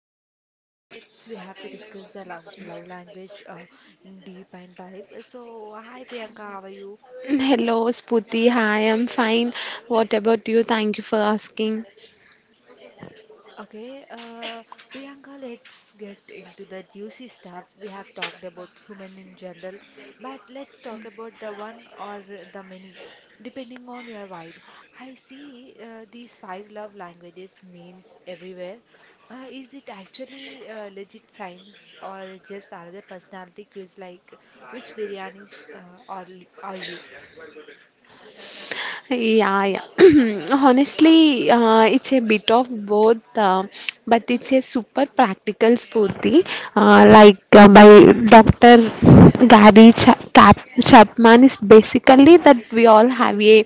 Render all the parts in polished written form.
Priyanka now. Let's we have to discuss the love language in deep and dive. So, hi Priyanka, how are you? Hello, Sputi. Hi, I'm fine. What about you? Thank you for asking. Okay, Priyanka, let's get into the juicy stuff. We have talked about human in general, but let's talk about the one or the many, depending on your vibe. I see these five love languages memes everywhere. Is it actually legit science or just another personality quiz like which biryanis are, are you? Yeah, yeah. Honestly, it's a bit of both, but it's a super practical Sputi, by Dr. Gary Chapman is basically that we all have a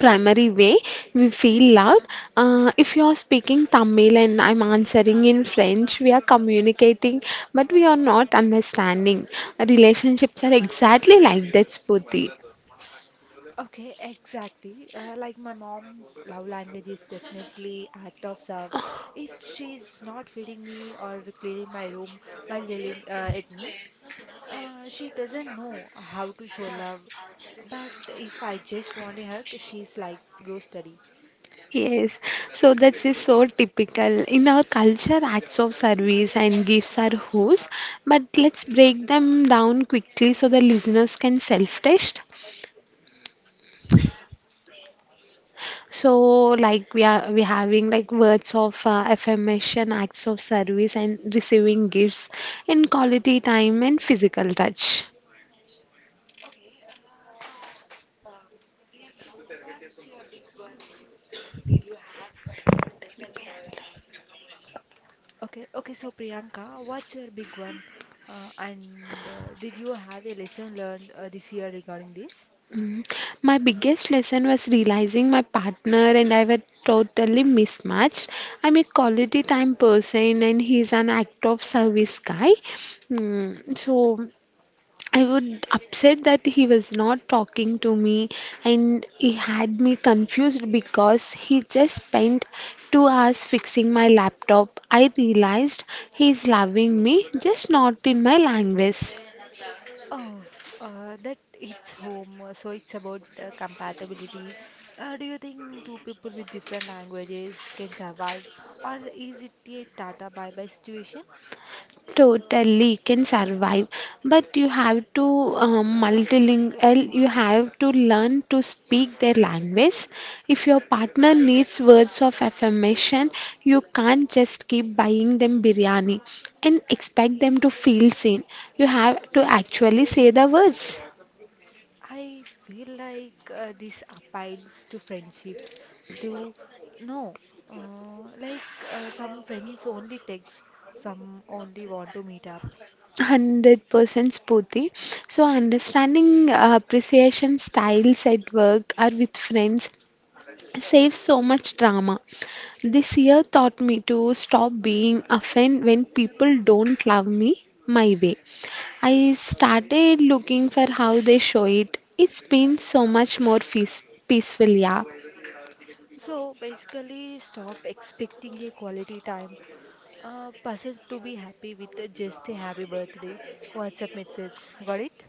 primary way we feel loved. If you are speaking Tamil and I'm answering in French, we are communicating, but we are not understanding. Relationships are exactly like that, Spooti. Okay, exactly. Like my mom's love language is definitely act of serve. If she's not feeding me or cleaning my room while yelling at me, she doesn't know how to show love. But if I just want a hug, she's like, go study. Yes, so that is so typical. In our culture, acts of service and gifts are whose, but let's break them down quickly so the listeners can self-test. So, like we are we having like words of affirmation, acts of service, and receiving gifts in quality time and physical touch. Okay, okay. So Priyanka, what's your big one? And did you have a lesson learned this year regarding this? Mm. My biggest lesson was realizing my partner and I were totally mismatched. I'm a quality time person, and he's an act of service guy. Mm. So, I would upset that he was not talking to me and he had me confused because he just spent 2 hours fixing my laptop. I realized he's loving me, just not in my language. Oh, that it's home, so it's about compatibility. Do you think two people with different languages can survive, or is it a tata bye-bye situation? Totally can survive, but you have to multilingual. Well, you have to learn to speak their language. If your partner needs words of affirmation, you can't just keep buying them biryani and expect them to feel seen. You have to actually say the words. I feel like this appeals to friendships, to no, like some friends only text, some only want to meet up. 100% Spooty. So, understanding appreciation styles at work or with friends saves so much drama. This year taught me to stop being offended when people don't love me my way. I started looking for how they show it. It's been so much more peaceful, yeah. So basically, stop expecting a quality time passes to be happy with just a happy birthday WhatsApp message. Got it?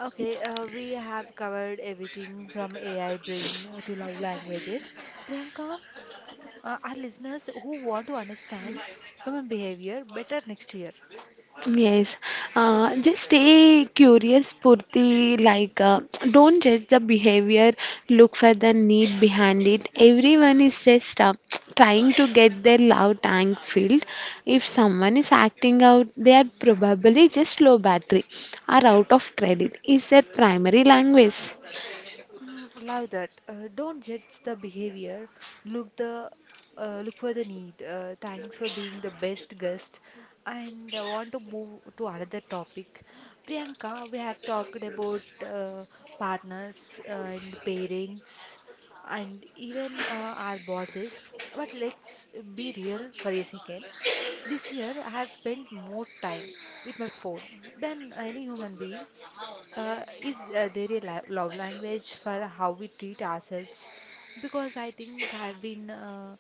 Okay, we have covered everything from AI brain to love languages. Priyanka, our listeners who want to understand human behavior better next year, Yes, just stay curious, Purti. Don't judge the behavior, look for the need behind it. Everyone is just trying to get their love tank filled. If someone is acting out, they are probably just low battery or out of credit. Is their primary language? mm, love that. Don't judge the behavior. Look the Look for the need. Thanks for being the best guest. And I want to move to another topic. Priyanka, we have talked about partners uh, and parents and even our bosses. But let's be real for a second. This year, I have spent more time with my phone than any human being. Is there a li love language for how we treat ourselves? Because I think I've been uh,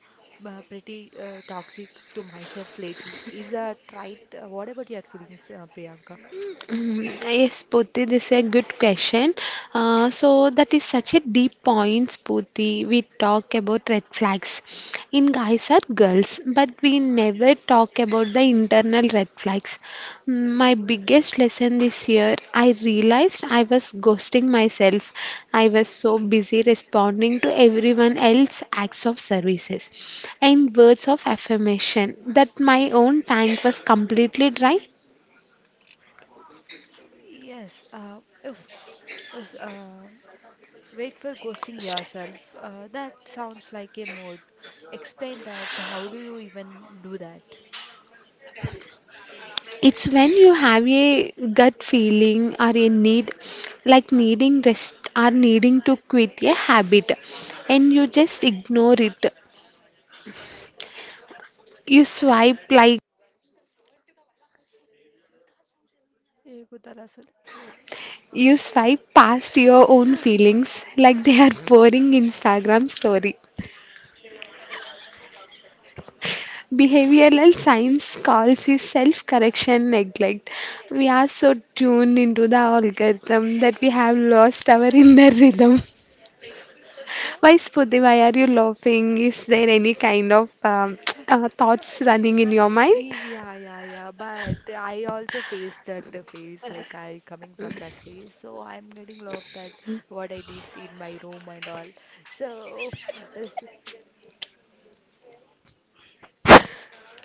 uh, pretty toxic to myself lately. Is that right? What about your feelings, Priyanka? Mm. Yes, Poti, this is a good question. So that is such a deep point, Poti. We talk about red flags in guys or girls, but we never talk about the internal red flags. Mm. My biggest lesson this year, I realized I was ghosting myself. I was so busy responding to everyone else's acts of services and words of affirmation that my own tank was completely dry. Yes, if, is, wait for ghosting Ghosted. yourself. That sounds like a mode. Explain that. How do you even do that? It's when you have a gut feeling or a need, like needing rest or needing to quit a habit, and you just ignore it. You swipe like ये खुदा रसूल you swipe past your own feelings like they are boring Instagram story. Behavioral science calls it self correction neglect. We are so tuned into the algorithm that we have lost our inner rhythm. Why, Spruti, why are you laughing? Is there any kind of Uh, thoughts running in your mind? Yeah, yeah, yeah. But I also face that phase, like I coming from that phase, so I'm getting lot of that what I did in my room and all. So f- s-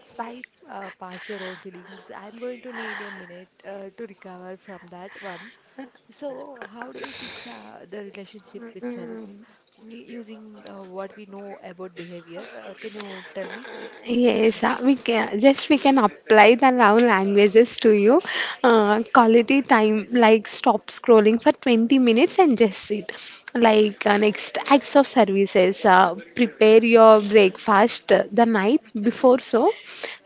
Swipe past your own feelings. I'm going to need a minute to recover from that one. So how do we fix the relationship with self using what we know about behavior? Can you tell me? Yes, we can apply the love languages to you. Quality time, like stop scrolling for 20 minutes and just sit. Next, acts of services, prepare your breakfast the night before so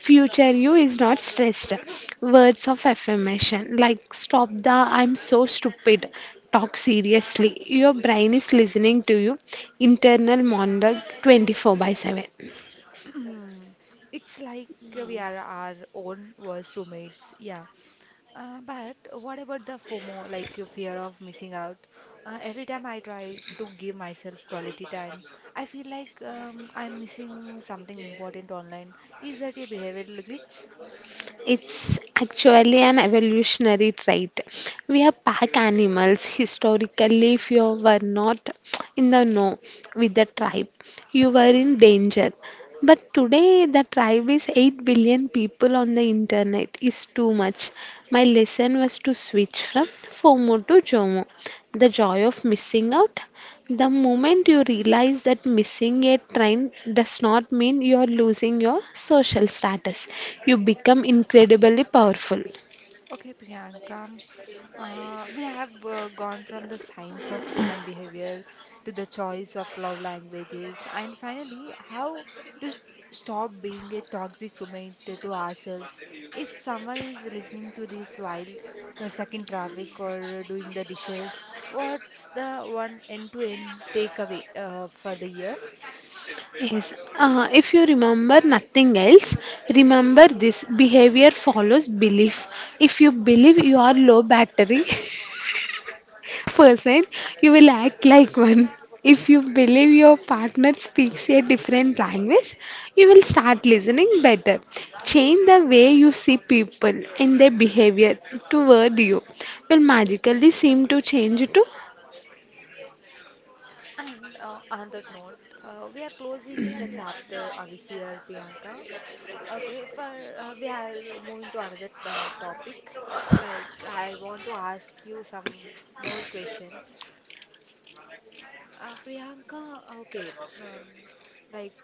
future you is not stressed. Words of affirmation, like stop the "I'm so stupid." Talk seriously. Your brain is listening to you. Internal monologue 24 by 7. It's like we are our own worst roommates, yeah. But what about the FOMO, like your fear of missing out? Every time I try to give myself quality time, I feel like I'm missing something important online. Is that a behavioral glitch? It's actually an evolutionary trait. We are pack animals. Historically, if you were not in the know with the tribe, you were in danger. But today, the tribe is 8 billion people on the internet is too much. My lesson was to switch from FOMO to JOMO, the joy of missing out. The moment you realize that missing a train does not mean you are losing your social status, you become incredibly powerful. Okay, Priyanka, we have gone from the science of human behavior to the choice of love languages, and finally, how to s stop being a toxic roommate to ourselves. If someone is listening to this while stuck in traffic or doing the dishes, what's the one end-to-end takeaway for the year? Yes. If you remember nothing else, remember this: behavior follows belief. If you believe you are low battery, person, you will act like one. If you believe your partner speaks a different language, you will start listening better. Change the way you see people and their behavior toward you will magically seem to change too. And on that note, we are closing the chapter on this year, Priyanka. Okay, for we are moving to another topic. Like I want to ask you some more questions, Priyanka. Okay, um, like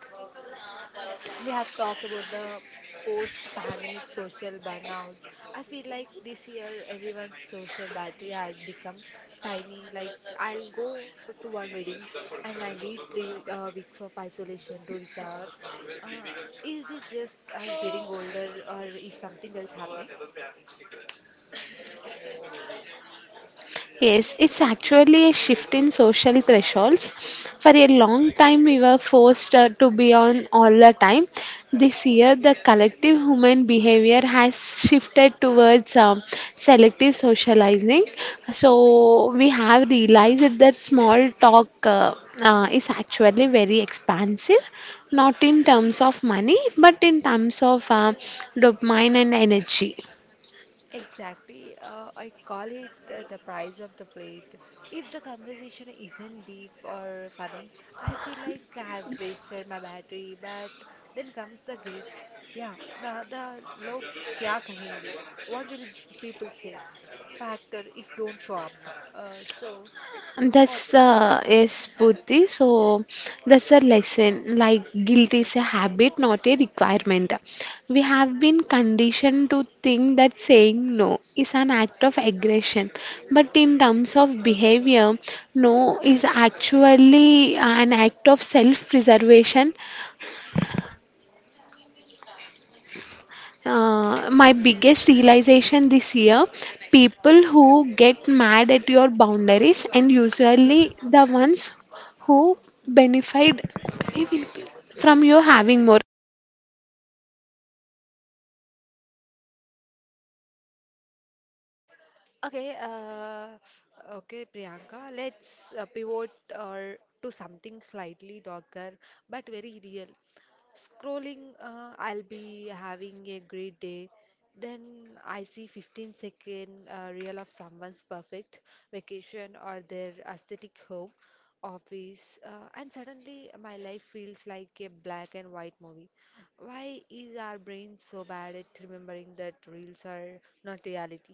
we have talked about the post-pandemic social burnout. I feel like this year everyone's social battery has become tiny. Like I'll go to one wedding and I need three weeks of isolation to recover. Uh, is this just us getting older, or is something else happening? Yes, it's actually a shift in social thresholds. For a long time, we were forced to be on all the time. This year, the collective human behavior has shifted towards selective socializing. So, we have realized that small talk is actually very expansive, not in terms of money, but in terms of dopamine and energy. Exactly. I call it the price of the plate. If the conversation isn't deep or funny, I feel like I've wasted my battery. But then comes the guilt. Yeah, the log kya kahenge? What will people say? Factor if don't show up. So what? That's Yes, Buddhi. So that's a lesson. Like guilt is a habit, not a requirement. We have been conditioned to think that saying no is an act of aggression, but in terms of behavior, no is actually an act of self-preservation. My biggest realization this year: people who get mad at your boundaries and usually the ones who benefit even from you having more. Okay. Okay, Priyanka. Let's pivot or to something slightly darker but very real. Scrolling, I'll be having a great day. Then I see 15 second reel of someone's perfect vacation or their aesthetic home, office, and suddenly my life feels like a black and white movie. Why is our brain so bad at remembering that reels are not reality?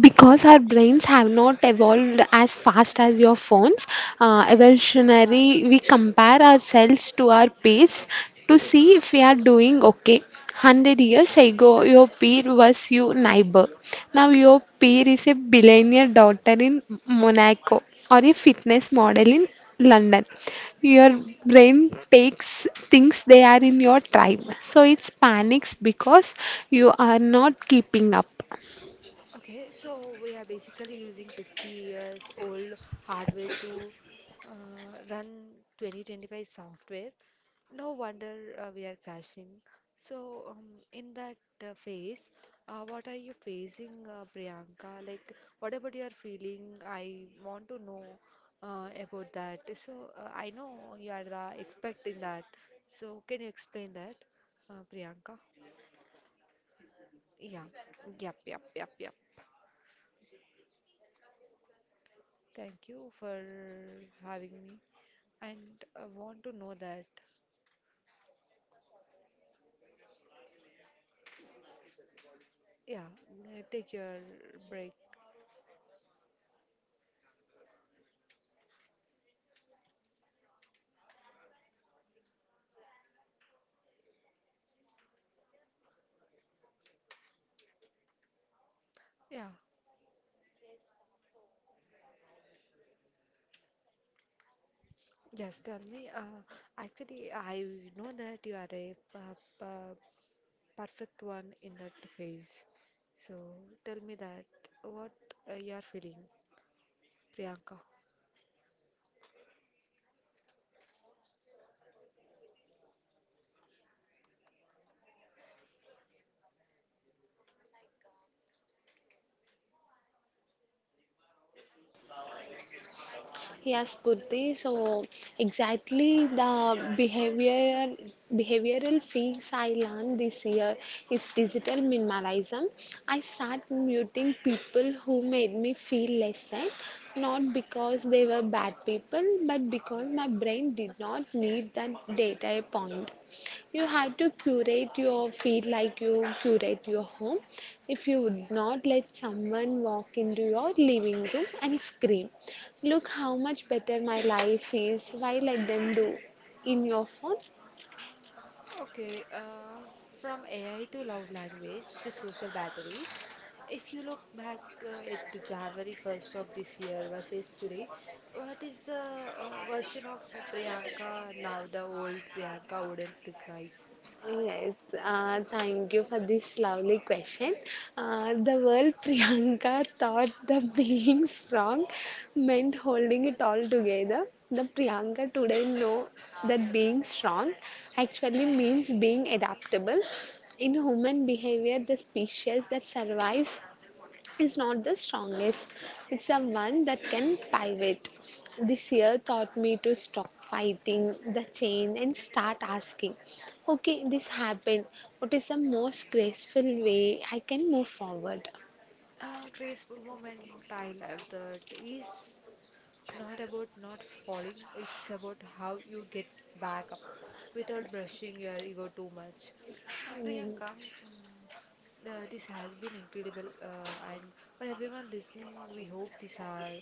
Because our brains have not evolved as fast as your phones, evolutionary, we compare ourselves to our peers to see if we are doing okay. 100 years ago, your peer was your neighbor. Now, your peer is a billionaire daughter in Monaco or a fitness model in London. Your brain takes things they are in your tribe. So, it panics because you are not keeping up. Okay, so we are basically using 50 years old hardware to run 2025 software. No wonder we are crashing. So, in that phase, what are you facing, Priyanka? Like, what about your feeling? I want to know about that. So, I know you are the expert in that. So, can you explain that, Priyanka? Yeah, yep. Thank you for having me. And I want to know that, yeah, take your break. Yeah, yes, tell me. Actually, I know that you are a perfect one in that phase. So tell me that, what you are feeling, Priyanka? Yes, Purti. So exactly the behavioral fix I learned this year is digital minimalism. I start muting people who made me feel less than, not because they were bad people, but because my brain did not need that data point. You have to curate your feed like you curate your home. If you would not let someone walk into your living room and scream, "Look how much better my life is," why let them do? In your phone? Okay, from AI to love language to social batteries, if you look back at the January 1st of this year versus today, what is the version of Priyanka now the old Priyanka wouldn't recognize? Yes, thank you for this lovely question. The word Priyanka thought the being strong meant holding it all together. The Priyanka today know that being strong actually means being adaptable. In human behavior, the species that survives is not the strongest. It's the one that can pivot. This year taught me to stop fighting the chain and start asking, okay, this happened. What is the most graceful way I can move forward? A graceful moment I love that is not about not falling, it's about how you get back up without brushing your ego too much. Mm. Priyanka, mm, this has been incredible, and for everyone listening, we hope this hour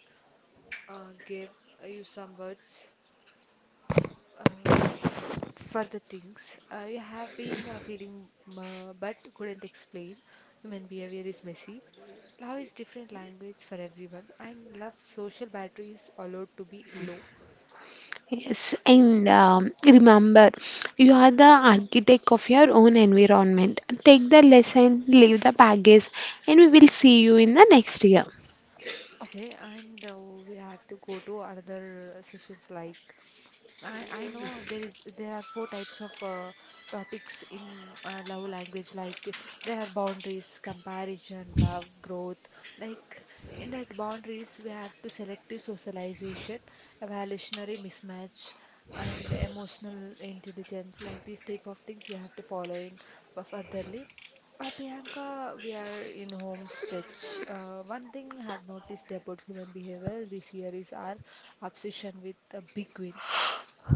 gave you some words uh, for the things you have been feeling but couldn't explain. Human behavior is messy. Love is different language for everyone, and love social batteries allowed to be low. Yes, and remember, you are the architect of your own environment. Take the lesson, leave the baggage, and we will see you in the next year. Okay, and we have to go to another sessions like I know there are four types of topics in love language like there are boundaries, comparison, love, growth. Like in that boundaries we have to selective socialization, evolutionary mismatch, and emotional intelligence. Like these type of things we have to follow in furtherly. Priyanka, we are in home stretch. One thing I have noticed about human behavior this year is our obsession with a big win.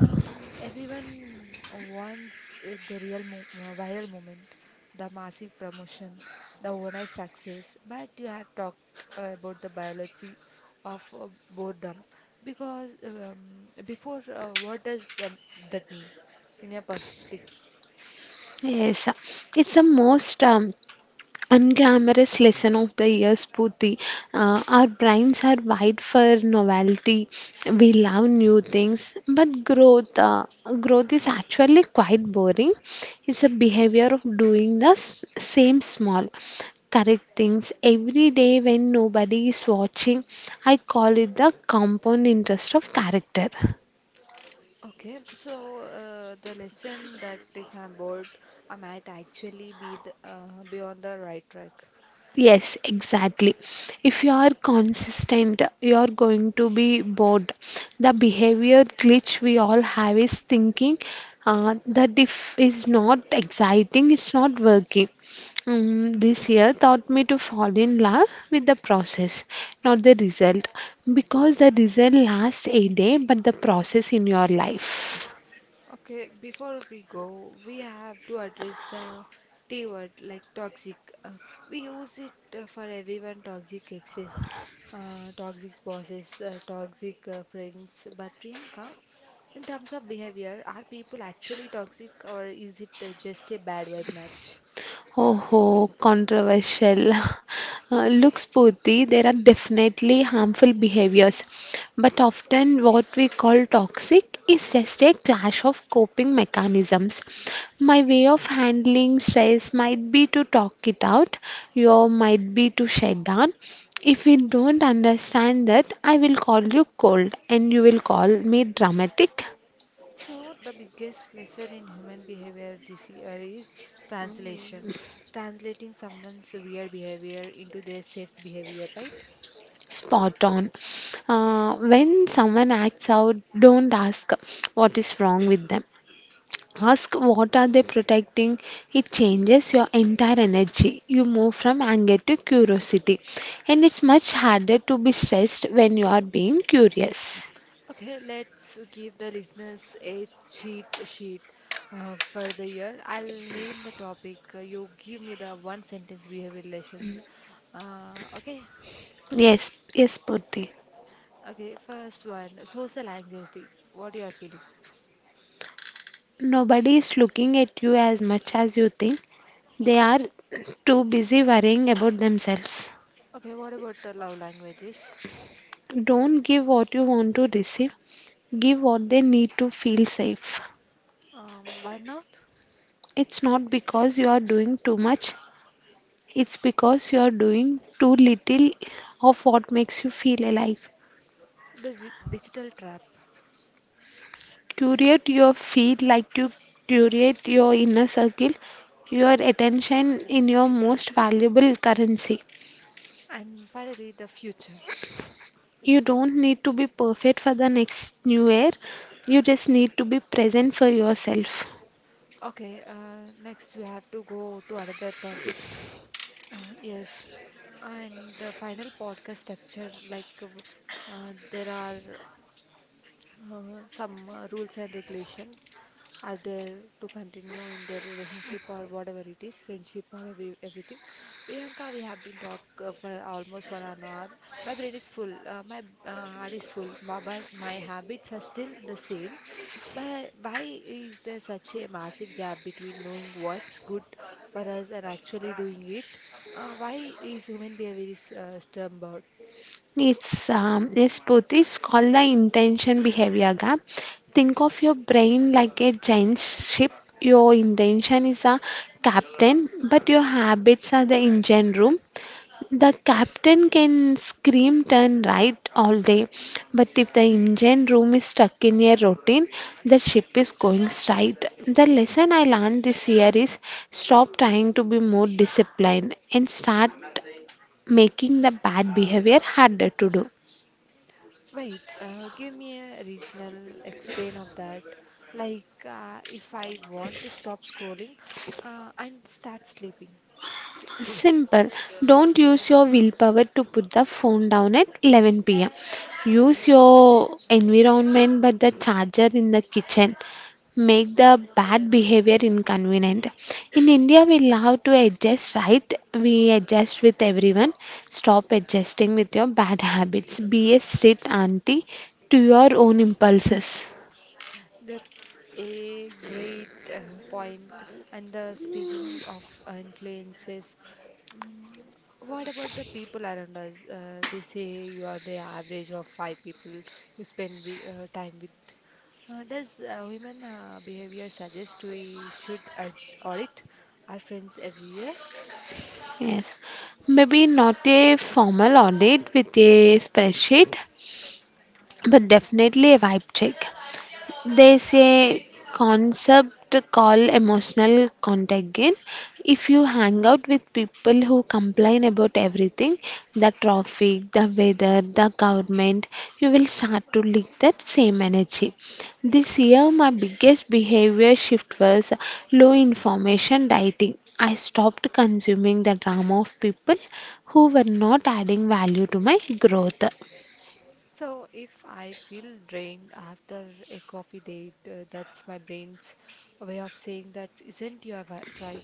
Everyone wants the real mo viral moment, the massive promotion, the overnight success. But you have talked about the biology of boredom because what does that mean in your perspective? Yes, it's the most unglamorous lesson of the year, Spooty. Our brains are wide for novelty. We love new things, but growth is actually quite boring. It's a behavior of doing the same small, correct things every day when nobody is watching. I call it the compound interest of character. Okay, so the lesson that if I'm bored, I might actually be on the right track. Yes, exactly. If you are consistent, you are going to be bored. The behavior glitch we all have is thinking that if it's not exciting, it's not working. Mm. This year taught me to fall in love with the process, not the result, because the result lasts a day, but the process in your life. Okay, before we go, we have to address the T word like toxic. Uh, we use it for everyone toxic exes, toxic bosses, toxic friends. But Priyanka, in terms of behavior, are people actually toxic or is it just a bad vibe match? Oh, oh, controversial. Look, Spooty, there are definitely harmful behaviors, but often what we call toxic is just a clash of coping mechanisms. My way of handling stress might be to talk it out, your might be to shut down. If we don't understand that, I will call you cold and you will call me dramatic. So, the biggest lesson in human behavior this year is translation, translating someone's weird behavior into their safe behavior, right? Spot on. When someone acts out, don't ask what is wrong with them. Ask what are they protecting. It changes your entire energy. You move from anger to curiosity, and it's much harder to be stressed when you are being curious. Okay, let's give the listeners a cheat sheet for the year. I'll name the topic. You give me the one sentence behavior lessons. Uh, okay, Yes, yes, Purti. okay. First one, social anxiety. What you are feeling? Nobody is looking at you as much as you think. They are too busy worrying about themselves. Okay, what about the love languages? Don't give what you want to receive. Give what they need to feel safe. Burnout, It's not because you are doing too much, it's because you are doing too little of what makes you feel alive. the digital trap, Curate your feed like you curate your inner circle, your attention in your most valuable currency. and finally the future. You don't need to be perfect for the next new year, you just need to be present for yourself. Okay, next we have to go to another topic. Yes, and the final podcast structure, like there are uh, some rules and regulations are there to continue in their relationship or whatever it is, friendship or everything. Priyanka, we have been talk for almost 1 hour. My brain is full, my heart is full, but my habits are still the same. But why is there such a massive gap between knowing what's good for us and actually doing it? Why is human behavior is stubborn? It's Yes, both. It's called the intention behavior gap. Think of your brain like a giant ship. Your intention is the captain, but your habits are the engine room. The captain can scream "turn right" all day, but if the engine room is stuck in a routine, the ship is going straight. The lesson I learned this year is stop trying to be more disciplined and start making the bad behavior harder to do. Wait, give me a regional explain of that. Like, if I want to stop scrolling and start sleeping. Simple. Don't use your willpower to put the phone down at 11 pm. Use your environment but the charger in the kitchen. Make the bad behavior inconvenient. In India, we love to adjust, right? We adjust with everyone. Stop adjusting with your bad habits. Be a strict auntie to your own impulses. That's a great point. And the speaking of influences, mm, what about the people around us? They say you are the average of five people you spend time with. Does human behavior suggest we should audit our friends every year? Yes. Maybe not a formal audit with a spreadsheet, but definitely a vibe check. There's a concept called emotional contagion. If you hang out with people who complain about everything, the traffic, the weather, the government, you will start to leak that same energy. This year, my biggest behavior shift was low information dieting. I stopped consuming the drama of people who were not adding value to my growth. So if I feel drained after a coffee date, that's my brain's way of saying that isn't your tribe.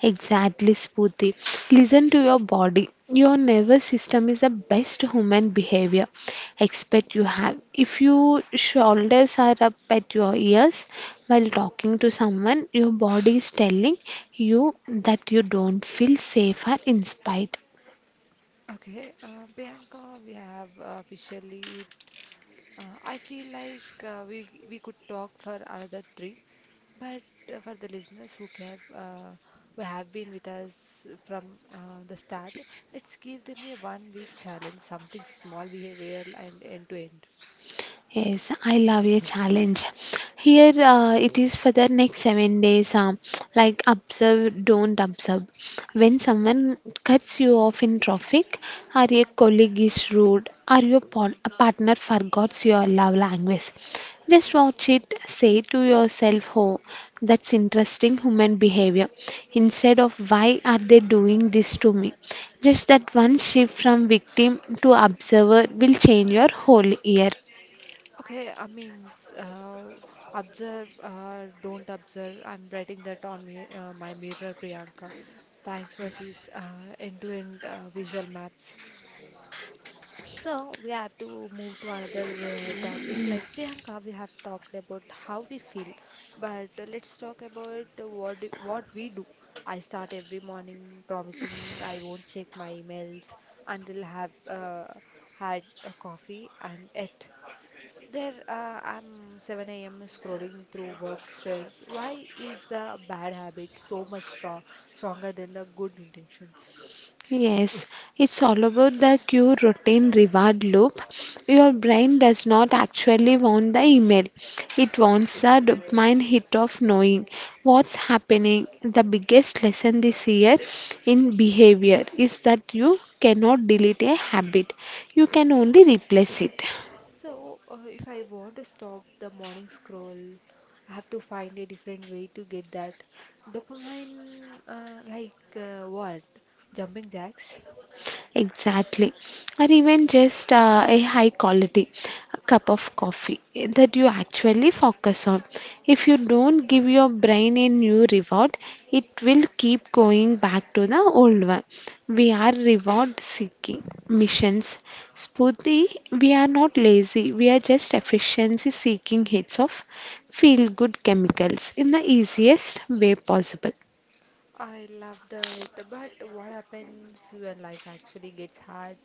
Exactly, Spooty. Listen to your body. Your nervous system is the best human behavior expert you have. If your shoulders are up at your ears while talking to someone, your body is telling you that you don't feel safe or inspired. Okay, Priyanka, we have officially. I feel like we could talk for another three, but for the listeners who have been with us from the start, let's give them a 1 week challenge, something small, behavioral, and end to end. Yes, I love your challenge. Here it is for the next 7 days. Like observe, don't observe. When someone cuts you off in traffic, or a colleague is rude, or your a partner forgets your love language, just watch it. Say to yourself, "Oh, that's interesting human behavior," instead of "Why are they doing this to me?" Just that one shift from victim to observer will change your whole year. Okay, I mean, observe, don't observe. I'm writing that on me, my mirror, Priyanka. Thanks for these end-to-end visual maps. So we have to move to another topic. Like Priyanka, we have talked about how we feel, but let's talk about what we do. I start every morning promising I won't check my emails until I have had a coffee, and yet there, I'm 7 a.m. scrolling through work stress. Why is the bad habit stronger than the good intentions? Yes, it's all about the cue routine reward loop. Your brain does not actually want the email, it wants the dopamine hit of knowing what's happening. The biggest lesson this year in behavior is that you cannot delete a habit, you can only replace it. So, if I want to stop the morning scroll, I have to find a different way to get that dopamine, like what? Jumping jacks? Exactly. Or even just a high quality cup of coffee that you actually focus on. If you don't give your brain a new reward, it will keep going back to the old one. We are reward seeking missions. Spooty, we are not lazy, we are just efficiency seeking hits of feel good chemicals in the easiest way possible. I love that. But what happens when life actually gets hard?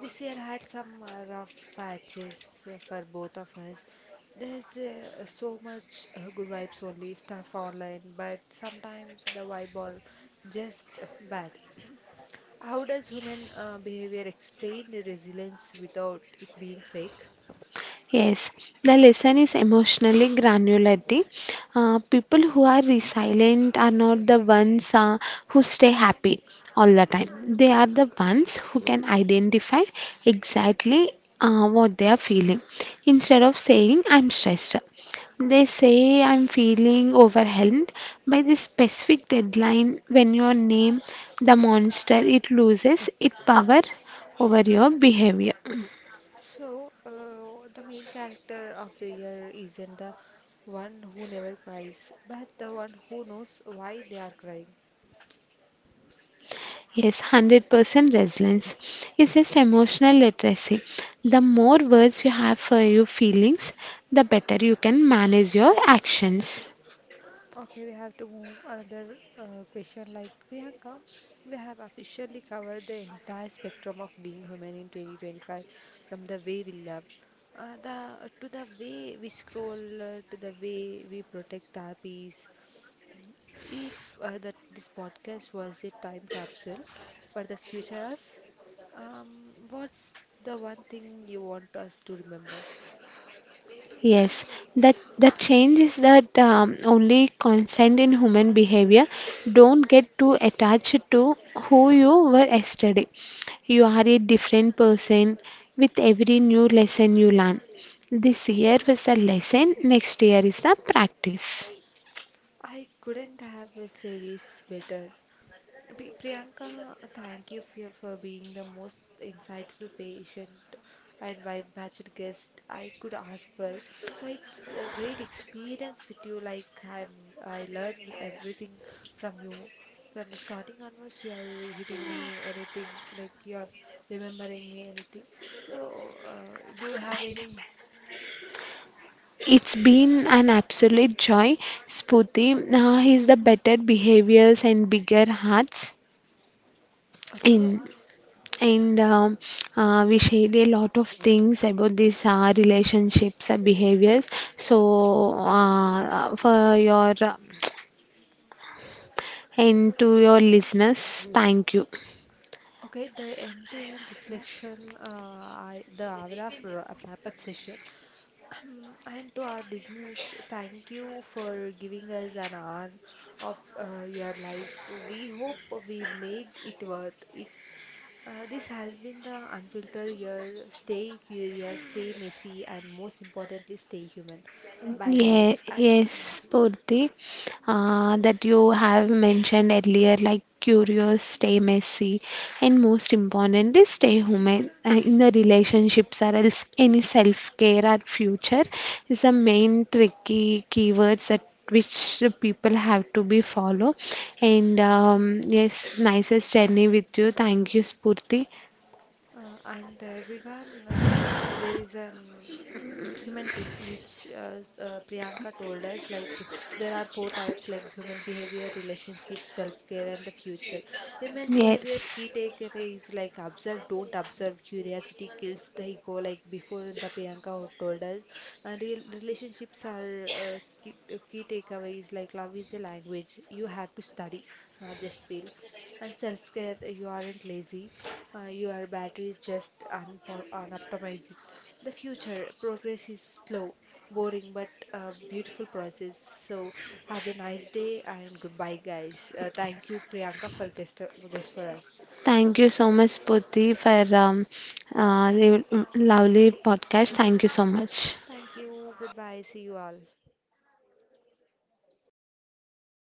This year had some rough patches for both of us. There's so much good vibes only stuff online, but sometimes the vibe are just bad. How does human behavior explain the resilience without it being fake? Yes, the lesson is emotionally granularity. People who are resilient are not the ones who stay happy all the time. They are the ones who can identify exactly what they are feeling. Instead of saying, "I'm stressed," they say, "I'm feeling overwhelmed by this specific deadline." When you name the monster, it loses its power over your behavior. So, the main character of the year isn't the one who never cries, but the one who knows why they are crying. Yes, 100% resilience is just emotional literacy. The more words you have for your feelings, the better you can manage your actions. Okay, we have to move another question. Like Priyanka, we have officially covered the entire spectrum of being human in 2025, from the way we love, the to the way we scroll, to the way we protect our peace. If that this podcast was a time capsule for the future us, what's the one thing you want us to remember? Yes, that the change is that only constant in human behavior. Don't get too attached to who you were yesterday. You are a different person with every new lesson you learn. This year was the lesson, next year is the practice. I couldn't have said it better. Priyanka, thank you for being the most insightful patient and vibe-matched guest I could ask for. So it's a great experience with you. I learned everything from you. From the starting onwards, you are hitting me anything, like you are remembering me anything. So, do you have any? It's been an absolute joy, Spooty. He's the better behaviors and bigger hearts. Okay, And, and We shared a lot of things about these relationships and behaviors. So, for your and to your listeners, thank you. okay. The end-to-end reflection, the hour of wrap-up session. Mm, and to our listeners, thank you for giving us an hour of your life. We hope we made it worth it. This has been the unfiltered year. Stay curious, stay messy, and most importantly, stay human. Bye, Yeah, guys. Yes, Purti, that you have mentioned earlier, like curious, stay messy, and most importantly, stay human. In the relationships or else any self-care or future is the main tricky keywords that which the people have to be follow. And yes, nicest journey with you. Thank you, Spurti. And everyone, there is an human tricks which uh, priyanka told us like there are four types like human behavior, relationship, self-care, and the future. Human behavior key Yes. takeaway is like observe, don't observe, curiosity kills the ego, like before the priyanka who told us, and real relationships are key takeaway is like love is a language you have to study, not just feel. And self care, you aren't lazy, your battery is just unoptimized. The future progress is slow, boring, but a beautiful process. So, have a nice day and goodbye, guys. Thank you, Priyanka, for guest for us. Thank you so much, Poti, for the lovely podcast. Thank you so much. Thank you. Goodbye. See you all.